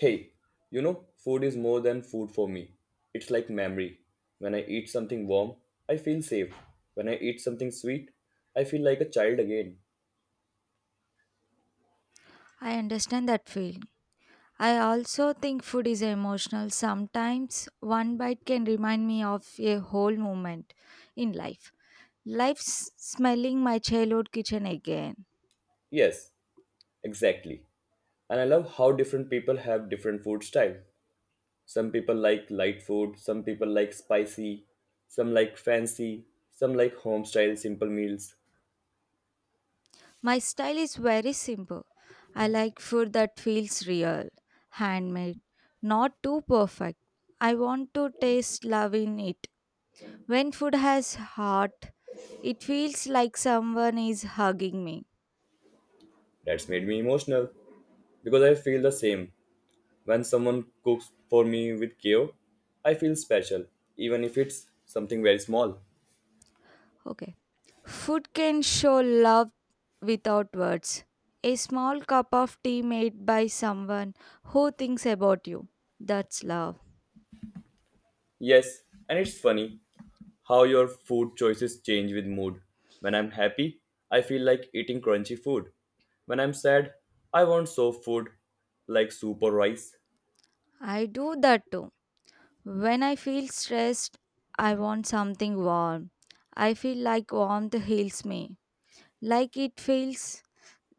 Hey, you know, food is more than food for me. It's like memory. When I eat something warm, I feel safe. When I eat something sweet, I feel like a child again. I understand that feeling. I also think food is emotional. Sometimes one bite can remind me of a whole moment in life. Life's smelling my childhood kitchen again. Yes, exactly. And I love how different people have different food style. Some people like light food, some people like spicy, some like fancy, some like home style simple meals. My style is very simple. I like food that feels real, handmade, not too perfect. I want to taste love in it. When food has heart, it feels like someone is hugging me. That's made me emotional because I feel the same. When someone cooks for me with care, I feel special, even if it's something very small. Okay. Food can show love without words. A small cup of tea made by someone who thinks about you. That's love. Yes, and it's funny how your food choices change with mood. When I'm happy, I feel like eating crunchy food. When I'm sad, I want soft food like soup or rice. I do that too. When I feel stressed, I want something warm. I feel like warmth heals me, like it fills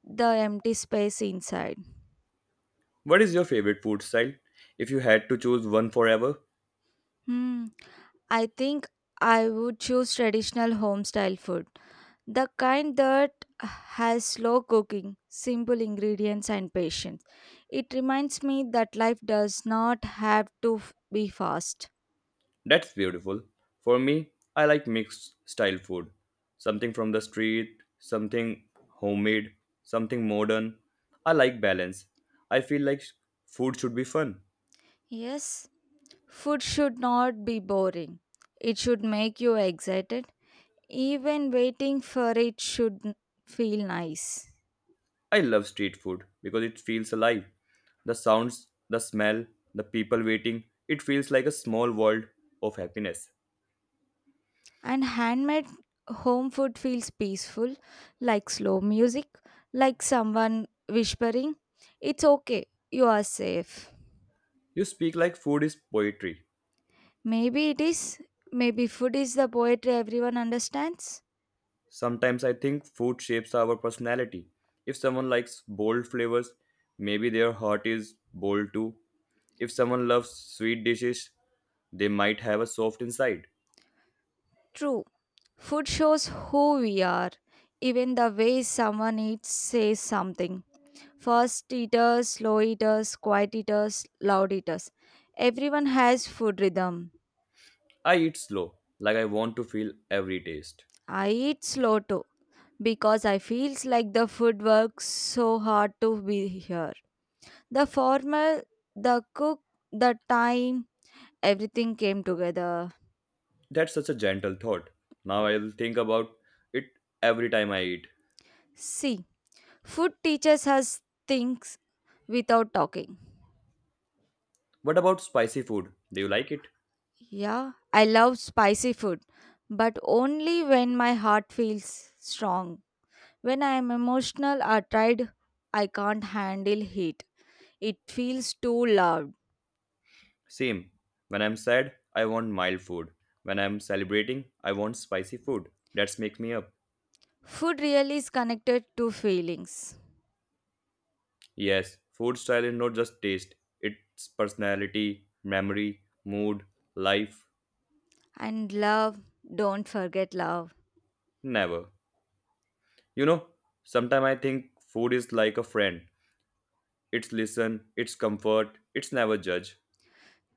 the empty space inside. What is your favorite food style if you had to choose one forever? Hmm. I think I would choose traditional home style food. The kind that has slow cooking, simple ingredients, and patience. It reminds me that life does not have to be fast. That's beautiful. For me, I like mixed style food. Something from the street, something homemade, something modern. I like balance. I feel like food should be fun. Yes, food should not be boring. It should make you excited. Even waiting for it should feel nice. I love street food because it feels alive. The sounds, the smell, the people waiting, it feels like a small world of happiness. And handmade home food feels peaceful, like slow music, like someone whispering, It's okay, you are safe. You speak like food is poetry. Maybe it is. Maybe food is the poetry everyone understands. Sometimes I think food shapes our personality. If someone likes bold flavors, maybe their heart is bold too. If someone loves sweet dishes, they might have a soft inside. True. Food shows who we are. Even the way someone eats says something. Fast eaters, slow eaters, quiet eaters, loud eaters. Everyone has food rhythm. I eat slow, like I want to feel every taste. I eat slow too because I feels like the food works so hard to be here. The formal, the cook, the time, everything came together. That's such a gentle thought. Now I'll think about it every time I eat. See, food teaches us things without talking. What about spicy food? Do you like it? Yeah, I love spicy food, but only when my heart feels strong. When I am emotional or tired, I can't handle heat. It feels too loud. Same. When I'm sad, I want mild food. When I'm celebrating, I want spicy food. That's make me up. Food really is connected to feelings. Yes, food style is not just taste, it's personality, memory, mood, life, And love, don't forget love. never. You know, sometimes I think food is like a friend. It's listen, it's comfort, it's never judge.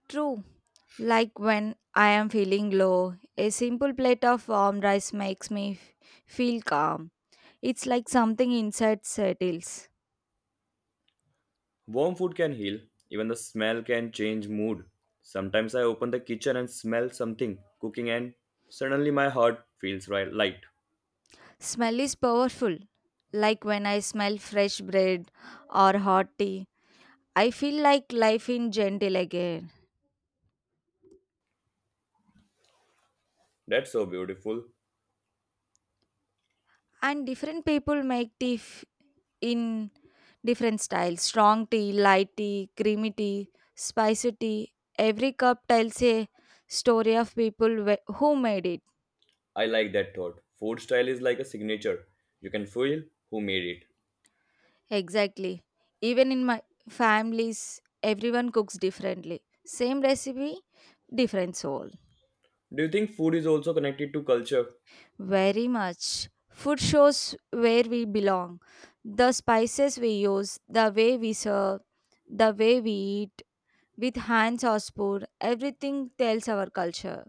True. Like when I am feeling low, a simple plate of warm rice makes me feel calm. It's like something inside settles. Warm food can heal, even the smell can change mood. Sometimes I open the kitchen and smell something cooking and suddenly my heart feels right light. Smell is powerful. Like when I smell fresh bread or hot tea, I feel like life in gentle again. That's so beautiful. And different people make tea in different styles strong tea, light tea, creamy tea, spicy tea. Every cup tells a story of people who made it. I like that thought. Food style is like a signature. You can feel who made it. Exactly. Even in my families, everyone cooks differently. Same recipe, different soul. Do you think food is also connected to culture? Very much. Food shows where we belong. The spices we use, the way we serve, the way we eat, with hands or spoon, everything tells our culture.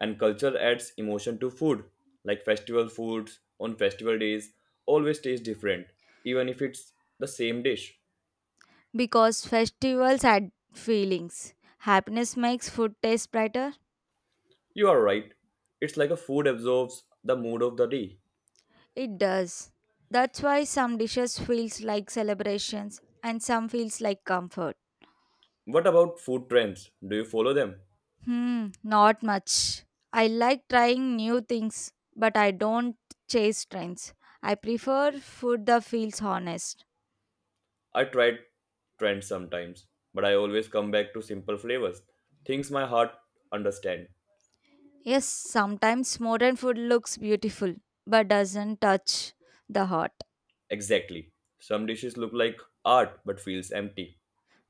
And culture adds emotion to food like festival foods on festival days always taste different even if it's the same dish. Because festivals add feelings. Happiness makes food taste brighter. You are right, it's like a food absorbs the mood of the day. It does. That's why some dishes feels like celebrations and some feels like comfort. What about food trends, do you follow them? Hmm, not much. I like trying new things, but I don't chase trends. I prefer food that feels honest. I try trends sometimes, but I always come back to simple flavors, things my heart understand. Yes, sometimes modern food looks beautiful, but doesn't touch the heart. Exactly, some dishes look like art but feels empty.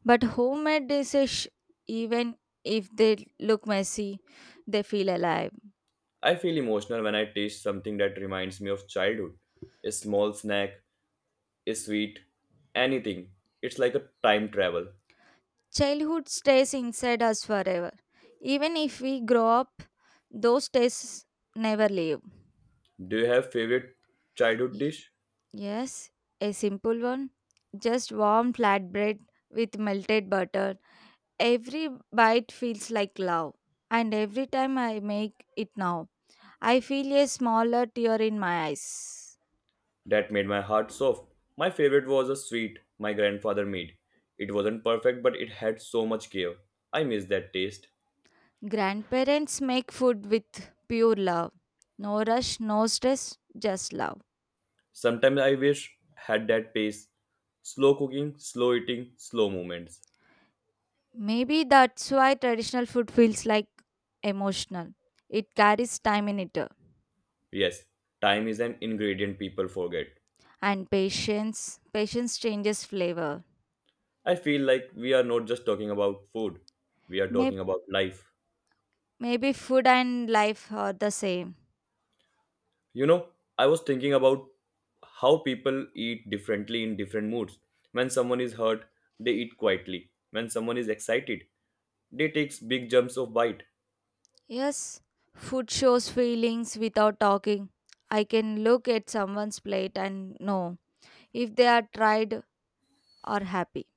But homemade dishes, even if they look messy, they feel alive. I feel emotional when I taste something that reminds me of childhood, a small snack, a sweet, anything. It's like a time travel. Childhood stays inside us forever. Even if we grow up, those tastes never leave. Do you have favorite childhood dish Yes, a simple one. Just warm flatbread with melted butter. Every bite feels like love. And every time I make it now, I feel a smaller tear in my eyes. that made my heart soft? My favorite was a sweet my grandfather made. It wasn't perfect, but it had so much care. I miss that taste. Grandparents make food with pure love. No rush, no stress, just love. Sometimes I wish had that pace. Slow cooking, slow eating, slow movements. Maybe that's why traditional food feels like emotional. It carries time in it Yes, time is an ingredient people forget. and patience. Patience changes flavor. I feel like we are not just talking about food, we are Maybe talking about life. Maybe food and life are the same. You know, I was thinking about how people eat differently in different moods. When someone is hurt, they eat quietly. When someone is excited, they take big jumps of bite. Yes, food shows feelings without talking. I can look at someone's plate and know if they are tried or happy.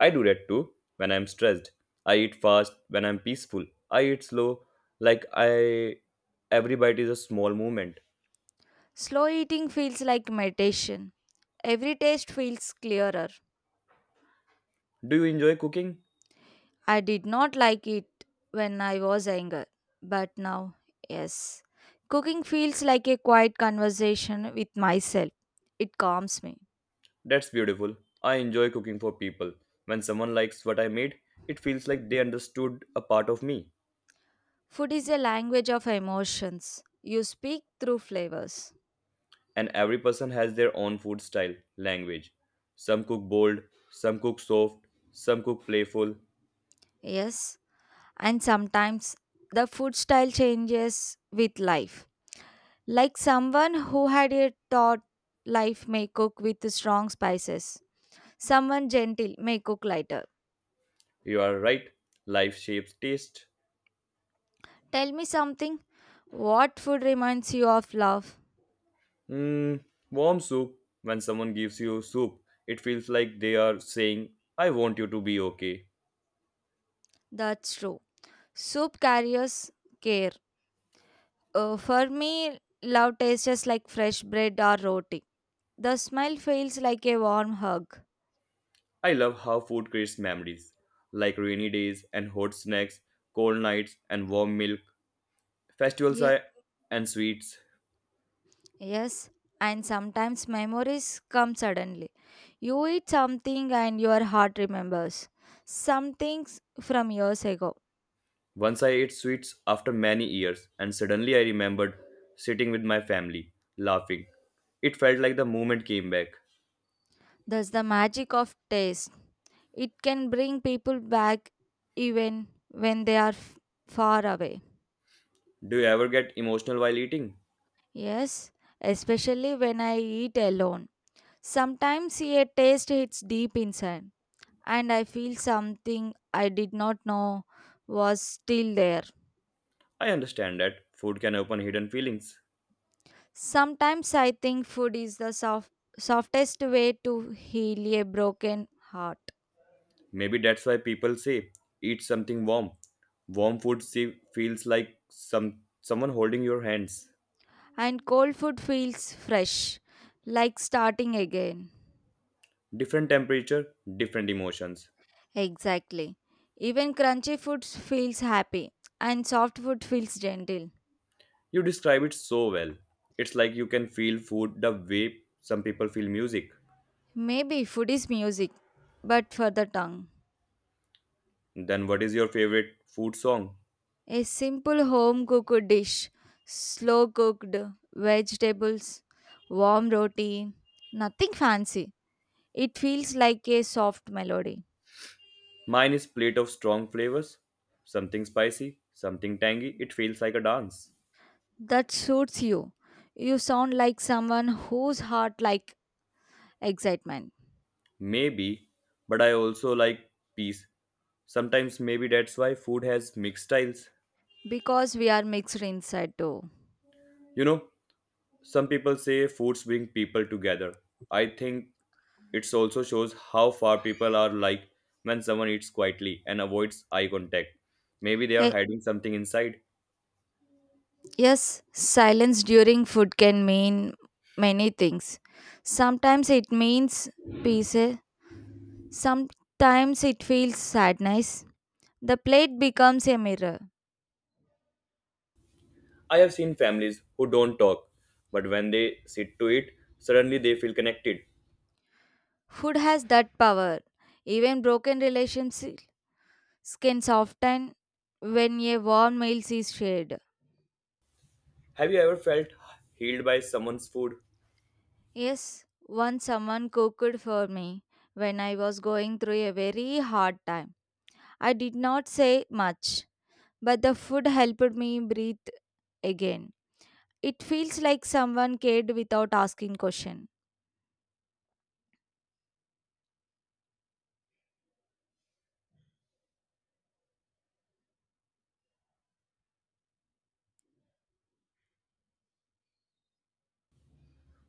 I do that too when I'm stressed. I eat fast when I'm peaceful. I eat slow like I every bite is a small movement. Slow eating feels like meditation. Every taste feels clearer. Do you enjoy cooking? I did not like it when I was younger, but now, yes. Cooking feels like a quiet conversation with myself. It calms me. That's beautiful. I enjoy cooking for people. When someone likes what I made, it feels like they understood a part of me. Food is a language of emotions. You speak through flavors. And every person has their own food style, language. Some cook bold, some cook soft, some cook playful. Yes, and sometimes the food style changes with life. Like someone who had a thought life may cook with strong spices. Someone gentle may cook lighter. You are right, life shapes taste. Tell me something. What food reminds you of love? Mm, warm soup, when someone gives you soup, it feels like they are saying, I want you to be okay. That's true. Soup carries care. For me, love tastes just like fresh bread or roti. The smile feels like a warm hug. I love how food creates memories, like rainy days and hot snacks, cold nights and warm milk, festivals Yeah, are- and sweets. yes. And sometimes memories come suddenly. You eat something and your heart remembers some things from years ago. Once I ate sweets after many years, and suddenly I remembered sitting with my family, laughing. It felt like the moment came back. That's the magic of taste. It can bring people back even when they are far away. Do you ever get emotional while eating? Yes, especially when I eat alone. Sometimes a taste hits deep inside, and I feel something I did not know was still there. I understand that food can open hidden feelings. Sometimes I think food is the softest way to heal a broken heart, Maybe that's why people say eat something warm. Warm food se- feels like someone holding your hands. and cold food feels fresh, like starting again. Different temperature, different emotions. Exactly. Even crunchy food feels happy, and soft food feels gentle. You describe it so well. It's like you can feel food the way some people feel music. Maybe food is music, but for the tongue. Then what is your favorite food song? A simple home cooked dish, slow cooked vegetables, warm roti, nothing fancy. It feels like a soft melody. Mine is plate of strong flavors, something spicy, something tangy. It feels like a dance. That suits you. You sound like someone whose heart like excitement Maybe, but I also like peace. Sometimes maybe that's why food has mixed styles. because we are mixed inside too. You know, some people say foods bring people together. I think it also shows how far people are like when someone eats quietly and avoids eye contact. Maybe they are Eh, hiding something inside. yes, silence during food can mean many things. Sometimes it means peace, sometimes it feels sadness. The plate becomes a mirror. I have seen families who don't talk, but when they sit to eat, suddenly they feel connected. Food has that power. Even broken relationships can soften when a warm meal is shared. Have you ever felt healed by someone's food? Yes, once someone cooked for me when I was going through a very hard time. I did not say much, but the food helped me breathe again. It feels like someone cared without asking question.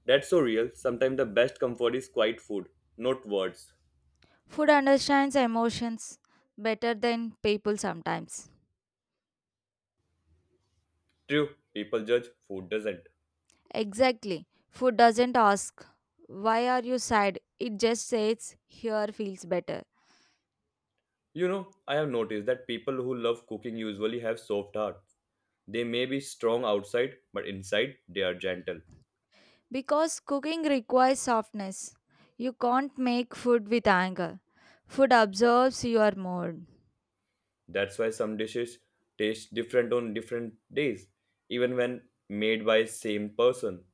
That's so real. Sometimes the best comfort is quiet food, not words. Food understands emotions better than people sometimes. True, people judge, food doesn't. Exactly. Food doesn't ask, why are you sad? It just says, here feels better. You know, I have noticed that people who love cooking usually have soft hearts. They may be strong outside, but inside they are gentle. Because cooking requires softness. You can't make food with anger. Food absorbs your mood. That's why some dishes taste different on different days, even when made by same person.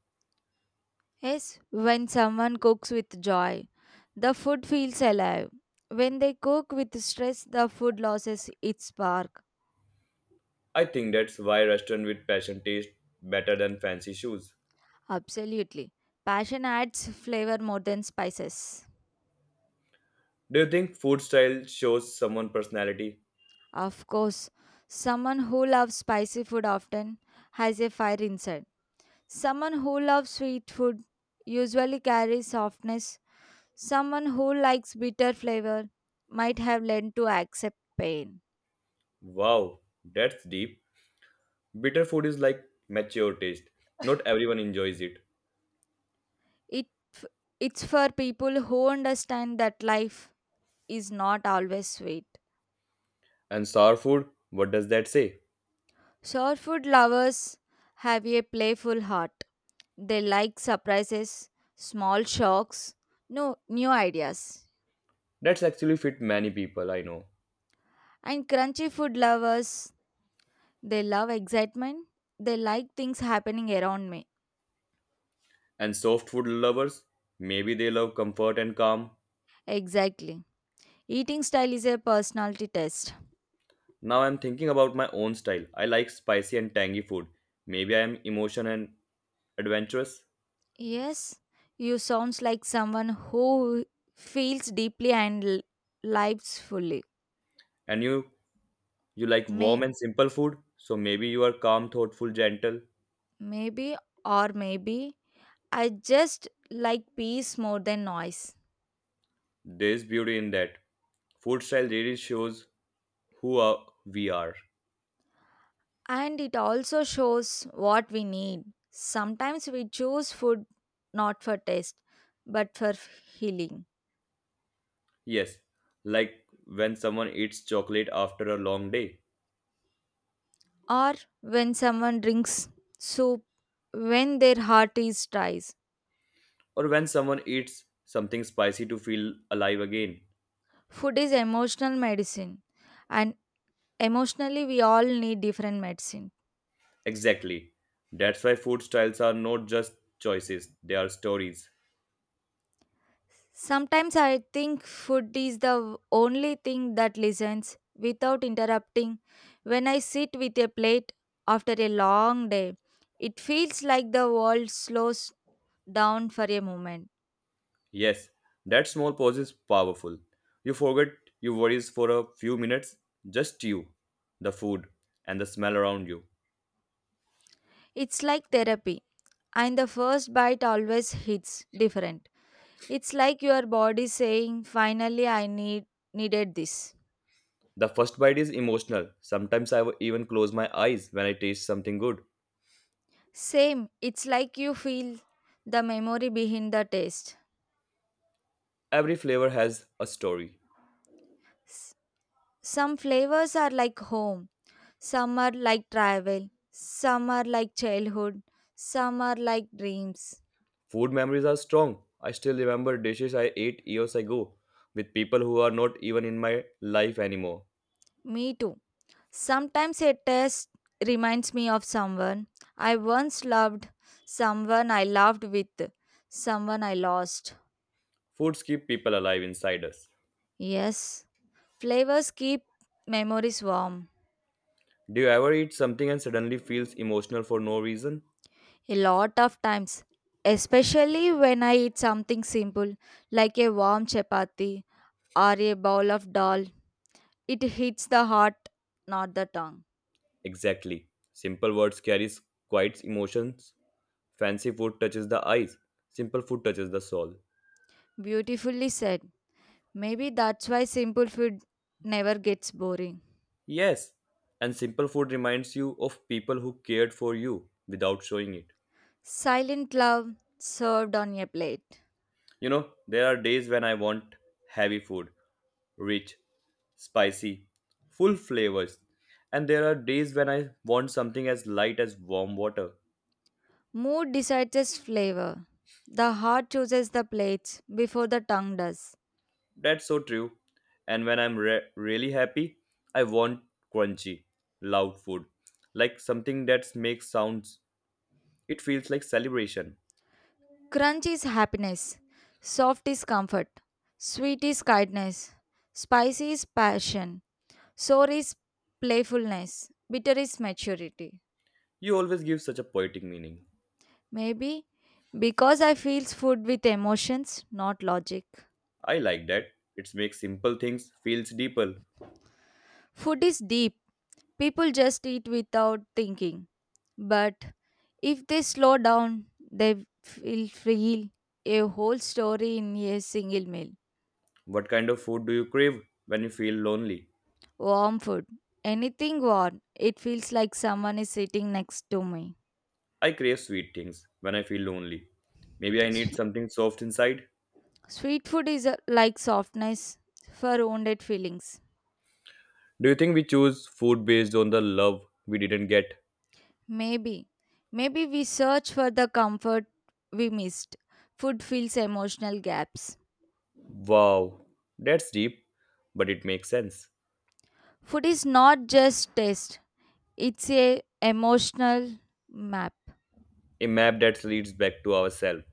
Yes, when someone cooks with joy, the food feels alive. When they cook with stress, the food loses its spark. I think that's why restaurant with passion taste better than fancy shoes. Absolutely. Passion adds flavor more than spices. Do you think food style shows someone personality? Of course, someone who loves spicy food often has a fire inside. Someone who loves sweet food usually carries softness. Someone who likes bitter flavor might have learned to accept pain. Wow, that's deep. Bitter food is like mature taste. Not everyone enjoys it. It, it's for people who understand that life is not always sweet. And sour food, what does that say? Short food lovers have a playful heart. They like surprises, small shocks, no new ideas. That's actually fit many people I know. And crunchy food lovers, they love excitement. They like things happening around me. And soft food lovers, maybe they love comfort and calm. Exactly. Eating style is a personality test. Now I'm thinking about my own style. I like spicy and tangy food. Maybe I am emotion and adventurous. Yes, you sounds like someone who feels deeply and lives fully. And you like warm May and simple food, so maybe you are calm, thoughtful, gentle. maybe or maybe I just like peace more than noise. There's beauty in that. Food style really shows who are, we are. And it also shows what we need. Sometimes we choose food not for taste, but for healing. Yes, like when someone eats chocolate after a long day, Or when someone drinks soup when their heart is dry. or when someone eats something spicy to feel alive again. Food is emotional medicine and emotionally, we all need different medicine. Exactly. That's why food styles are not just choices, they are stories. Sometimes I think food is the only thing that listens without interrupting. When I sit with a plate after a long day, it feels like the world slows down for a moment. Yes, that small pause is powerful. You forget your worries for a few minutes, just you, the food, and the smell around you. It's like therapy, and the first bite always hits different. It's like your body saying, "Finally, I needed this." The first bite is emotional. Sometimes I even close my eyes when I taste something good. Same, it's like you feel the memory behind the taste. Every flavor has a story. Some flavors are like home, some are like travel, some are like childhood, some are like dreams. Food memories are strong. I still remember dishes I ate years ago with people who are not even in my life anymore. Me too. Sometimes a taste reminds me of someone I once loved, someone I loved with, someone I lost. Foods keep people alive inside us. Yes, flavors keep memories warm Do you ever eat something and suddenly feels emotional for no reason? a lot of times, especially when I eat something simple like a warm chapati or a bowl of dal. It hits the heart, not the tongue. Exactly. Simple words carries quite emotions. Fancy food touches the eyes. Simple food touches the soul. Beautifully said. Maybe that's why simple food never gets boring. Yes. And simple food reminds you of people who cared for you without showing it. Silent love served on a plate. You know, there are days when I want heavy food, rich, spicy, full flavors. And there are days when I want something as light as warm water. Mood decides its flavor. The heart chooses the plates before the tongue does. That's so true. And when I'm really happy, I want crunchy, loud food, like something that makes sounds. It feels like celebration. Crunch is happiness. Soft is comfort. Sweet is kindness. Spicy is passion. Sour is playfulness. Bitter is maturity. You always give such a poetic meaning. Maybe because I feels food with emotions, not logic. I like that. It makes simple things feels deeper. Food is deep. People just eat without thinking. But if they slow down, they will feel a whole story in a single meal. What kind of food do you crave when you feel lonely? Warm food, anything warm, it feels like someone is sitting next to me. I crave sweet things when I feel lonely. Maybe I S- need something soft inside. Sweet food is like softness for wounded feelings. Do you think we choose food based on the love we didn't get? Maybe. Maybe we search for the comfort we missed. Food fills emotional gaps. Wow, that's deep, but it makes sense. Food is not just taste. It's a emotional map. A map that leads back to ourselves.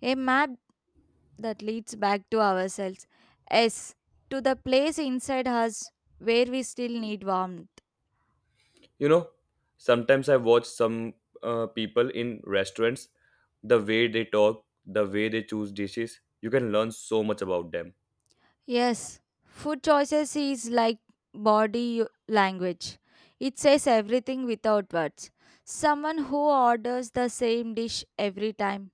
A map that leads back to ourselves. Yes, to the place inside us where we still need warmth. You know, sometimes I watch some people in restaurants, the way they talk, the way they choose dishes, you can learn so much about them. Yes, food choices is like body language. It says everything without words. Someone who orders the same dish every time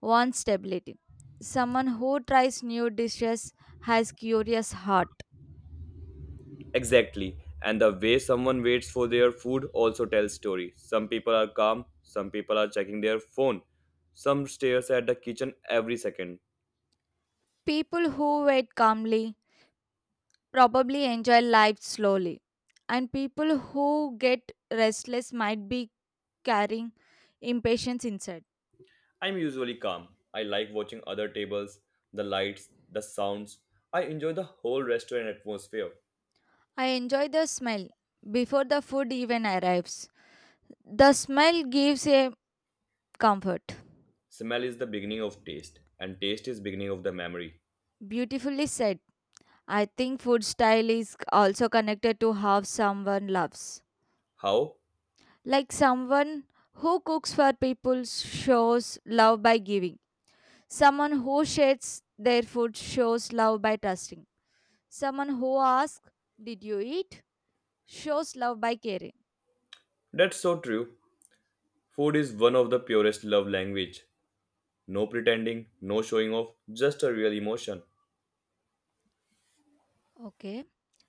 wants stability. Someone who tries new dishes has curious heart. Exactly. And the way someone waits for their food also tells story. Some people are calm, some people are checking their phone, some stares at the kitchen every second. People who wait calmly probably enjoy life slowly. And people who get restless might be carrying impatience inside. I'm usually calm. I like watching other tables, the lights, the sounds. I enjoy the whole restaurant atmosphere. I enjoy the smell before the food even arrives. The smell gives a comfort. Smell is the beginning of taste, and taste is beginning of the memory. Beautifully said. I think food style is also connected to how someone loves. How? Like someone who cooks for people shows love by giving. Someone who shares their food shows love by trusting. Someone who asks, Did you eat? Shows love by caring. That's so true. Food is one of the purest love language. No pretending, no showing off, just a real emotion. Okay.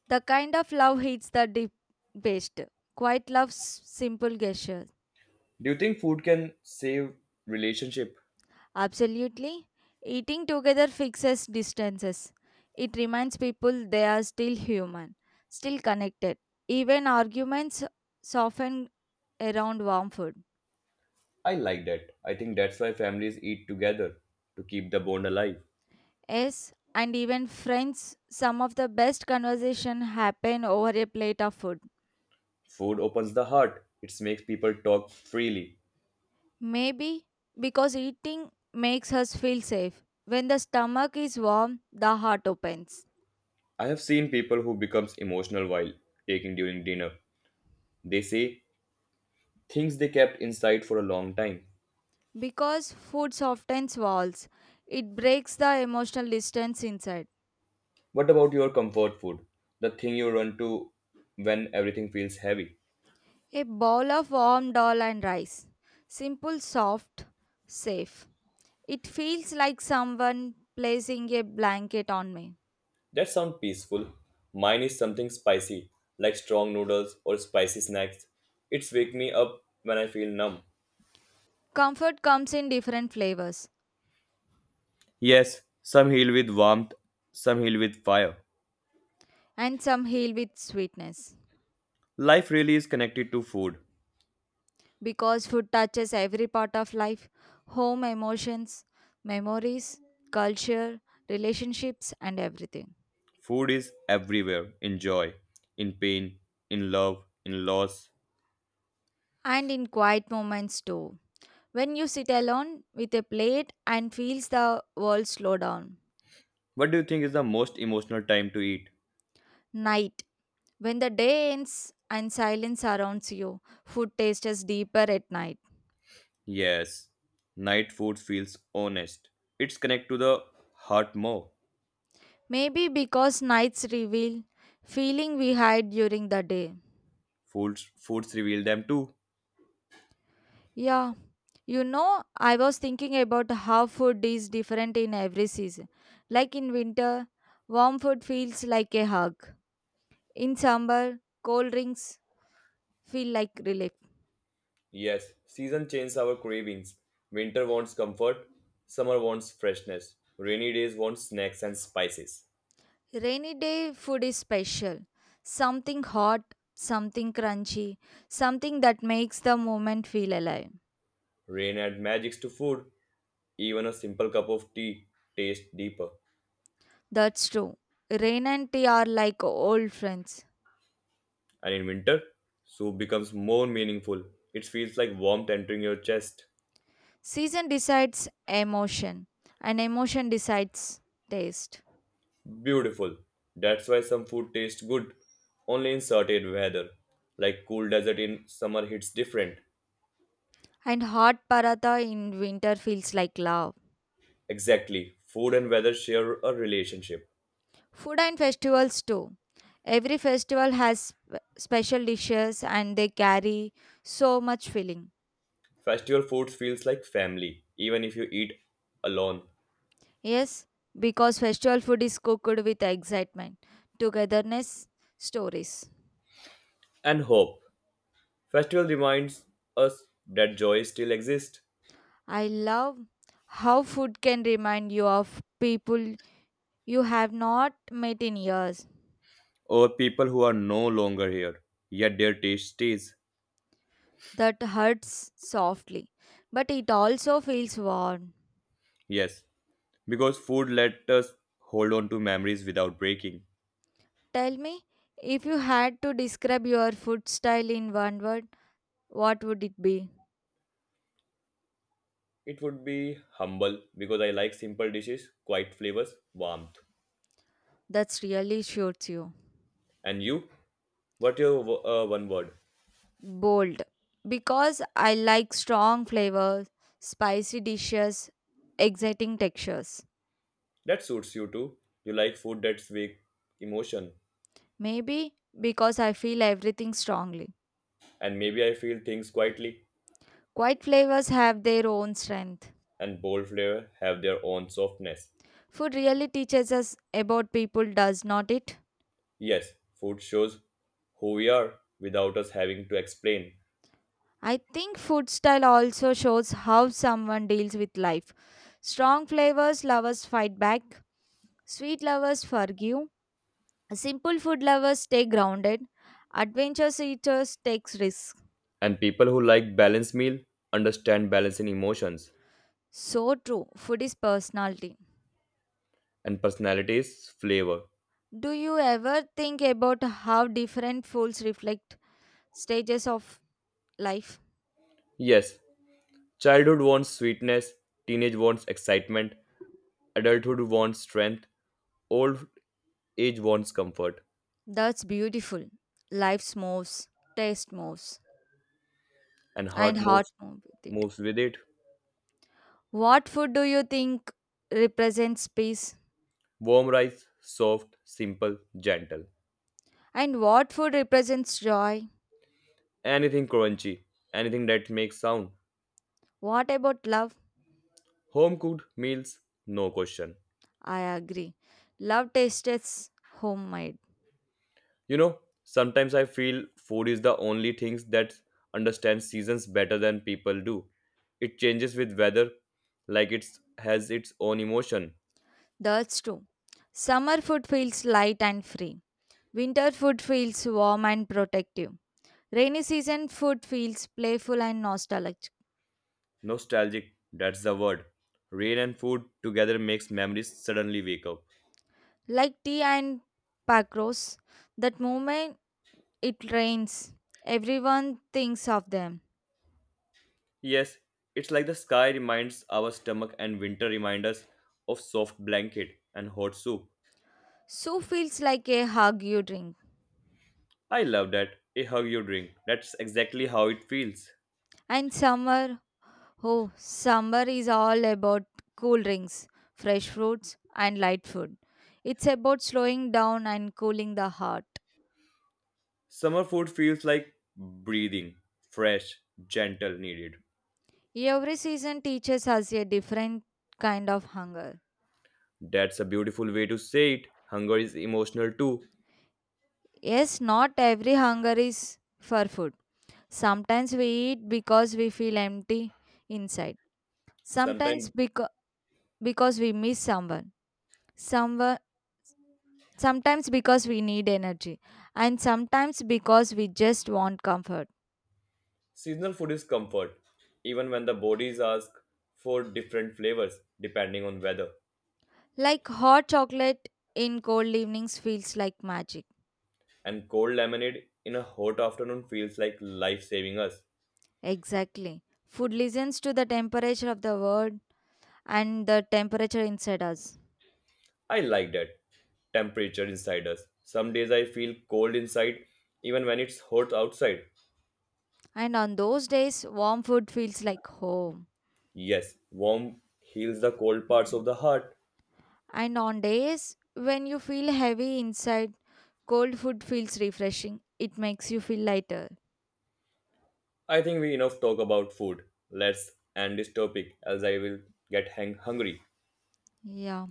The kind of love hits the deep best. Quite loves simple gestures. Do you think food can save relationship? Absolutely. Eating together fixes distances. It reminds people they are still human, still connected. Even arguments soften around warm food. I like that. I think that's why families eat together to keep the bond alive. Yes, and even friends, some of the best conversation happen over a plate of food. Food opens the heart. It makes people talk freely. Maybe because eating makes us feel safe. When the stomach is warm, the heart opens. I have seen people who becomes emotional while taking during dinner. They say things they kept inside for a long time. Because food softens walls, it breaks the emotional distance inside. What about your comfort food? The thing you run to when everything feels heavy? A bowl of warm dal and rice. Simple, soft, safe. It feels like someone placing a blanket on me. That sounds peaceful. Mine is something spicy, like strong noodles or spicy snacks. It's wake me up when I feel numb. Comfort comes in different flavors, Yes, some heal with warmth, some heal with fire. and some heal with sweetness. Life really is connected to food. Because food touches every part of life home emotions, memories, culture, relationships, and everything. Food is everywhere in joy, in pain, in love, in loss. And in quiet moments too. When you sit alone with a plate and feels the world slow down. What do you think is the most emotional time to eat? Night. When the day ends and silence surrounds you, food tastes deeper at night. Yes, night food feels honest. It's connect to the heart more. Maybe because nights reveal feeling we hide during the day. Foods reveal them too. Yeah, you know, I was thinking about how food is different in every season. Like in winter, warm food feels like a hug. In summer, cold drinks feel like relief. Yes, season changes our cravings. Winter wants comfort, summer wants freshness. Rainy days want snacks and spices. Rainy day food is special. Something hot, something crunchy, something that makes the moment feel alive. Rain adds magics to food. Even a simple cup of tea tastes deeper. That's true. Rain and tea are like old friends. And in winter, soup becomes more meaningful. It feels like warmth entering your chest. Season decides emotion, and emotion decides taste. Beautiful. That's why some food tastes good only in certain weather. Like cool desert in summer hits different. And hot paratha in winter feels like love. Exactly. Food and weather share a relationship. Food and festivals too. Every festival has special dishes and they carry so much feeling. Festival food feels like family, even if you eat alone. Yes, because festival food is cooked with excitement, togetherness, stories. And hope. Festival reminds us that joy still exists. I love how food can remind you of people you have not met in years. Or people who are no longer here, yet their taste stays. That hurts softly, but it also feels warm. Yes, because food let us hold on to memories without breaking. Tell me, if you had to describe your food style in one word, what would it be? It would be humble because I like simple dishes, quiet flavors, warmth. That's really shoots you. And you? What your one word? Bold. Because I like strong flavors, spicy dishes, exciting textures. That suits you too. You like food that's wake emotion. Maybe because I feel everything strongly. And maybe I feel things quietly. Quiet flavors have their own strength. And bold flavor have their own softness. Food really teaches us about people, does not it? Yes, food shows who we are without us having to explain. I think food style also shows how someone deals with life. Strong flavors lovers fight back, sweet lovers forgive. Simple food lovers stay grounded. Adventure seekers takes risks. And people who like balanced meal understand balance in emotions So true. Food is personality. and personalities flavor. Do you ever think about how different foods reflect stages of life? Yes, childhood wants sweetness, teenage wants excitement, Adulthood wants strength, old age wants comfort, That's beautiful. Life moves, taste moves, and and heart heart moves moves with it. With it. What food do you think represents peace? Warm rice, soft, simple, gentle. And what food represents joy? Anything crunchy, anything that makes sound. What about love? Home cooked meals, no question. I agree. Love tastes homemade. You know, sometimes I feel food is the only things that understands seasons better than people do. It changes with weather, like it has its own emotion. That's true. Summer food feels light and free. Winter food feels warm and protective. Rainy season food feels playful and nostalgic. Nostalgic, that's the word. Rain and food together makes memories suddenly wake up. Like tea and pakros, that moment it rains, everyone thinks of them. Yes, it's like the sky reminds our stomach and winter reminds us of soft blanket and hot soup. So feels like a hug you drink. I love that. A hug you drink. That's exactly how it feels. And summer, oh, summer is all about cool drinks, fresh fruits, and light food. It's about slowing down and cooling the heart. Summer food feels like breathing, fresh, gentle, needed. Every season teaches us a different kind of hunger. That's a beautiful way to say it. Hunger is emotional too. Yes, not every hunger is for food. Sometimes we eat because we feel empty inside. Sometimes Sometimes because we miss someone. Someone sometimes because we need energy and sometimes because we just want comfort seasonal food is comfort, even when the bodies ask for different flavors depending on weather. like hot chocolate in cold evenings feels like magic And cold lemonade in a hot afternoon feels like life saving us. exactly food listens to the temperature of the world and the temperature inside us. I like that temperature inside us. Some days I feel cold inside, even when it's hot outside. And on those days, warm food feels like home. Yes, warm heals the cold parts of the heart. And on days when you feel heavy inside, cold food feels refreshing. It makes you feel lighter. I think we enough talk about food. Let's end this topic, else I will get hungry. Yeah.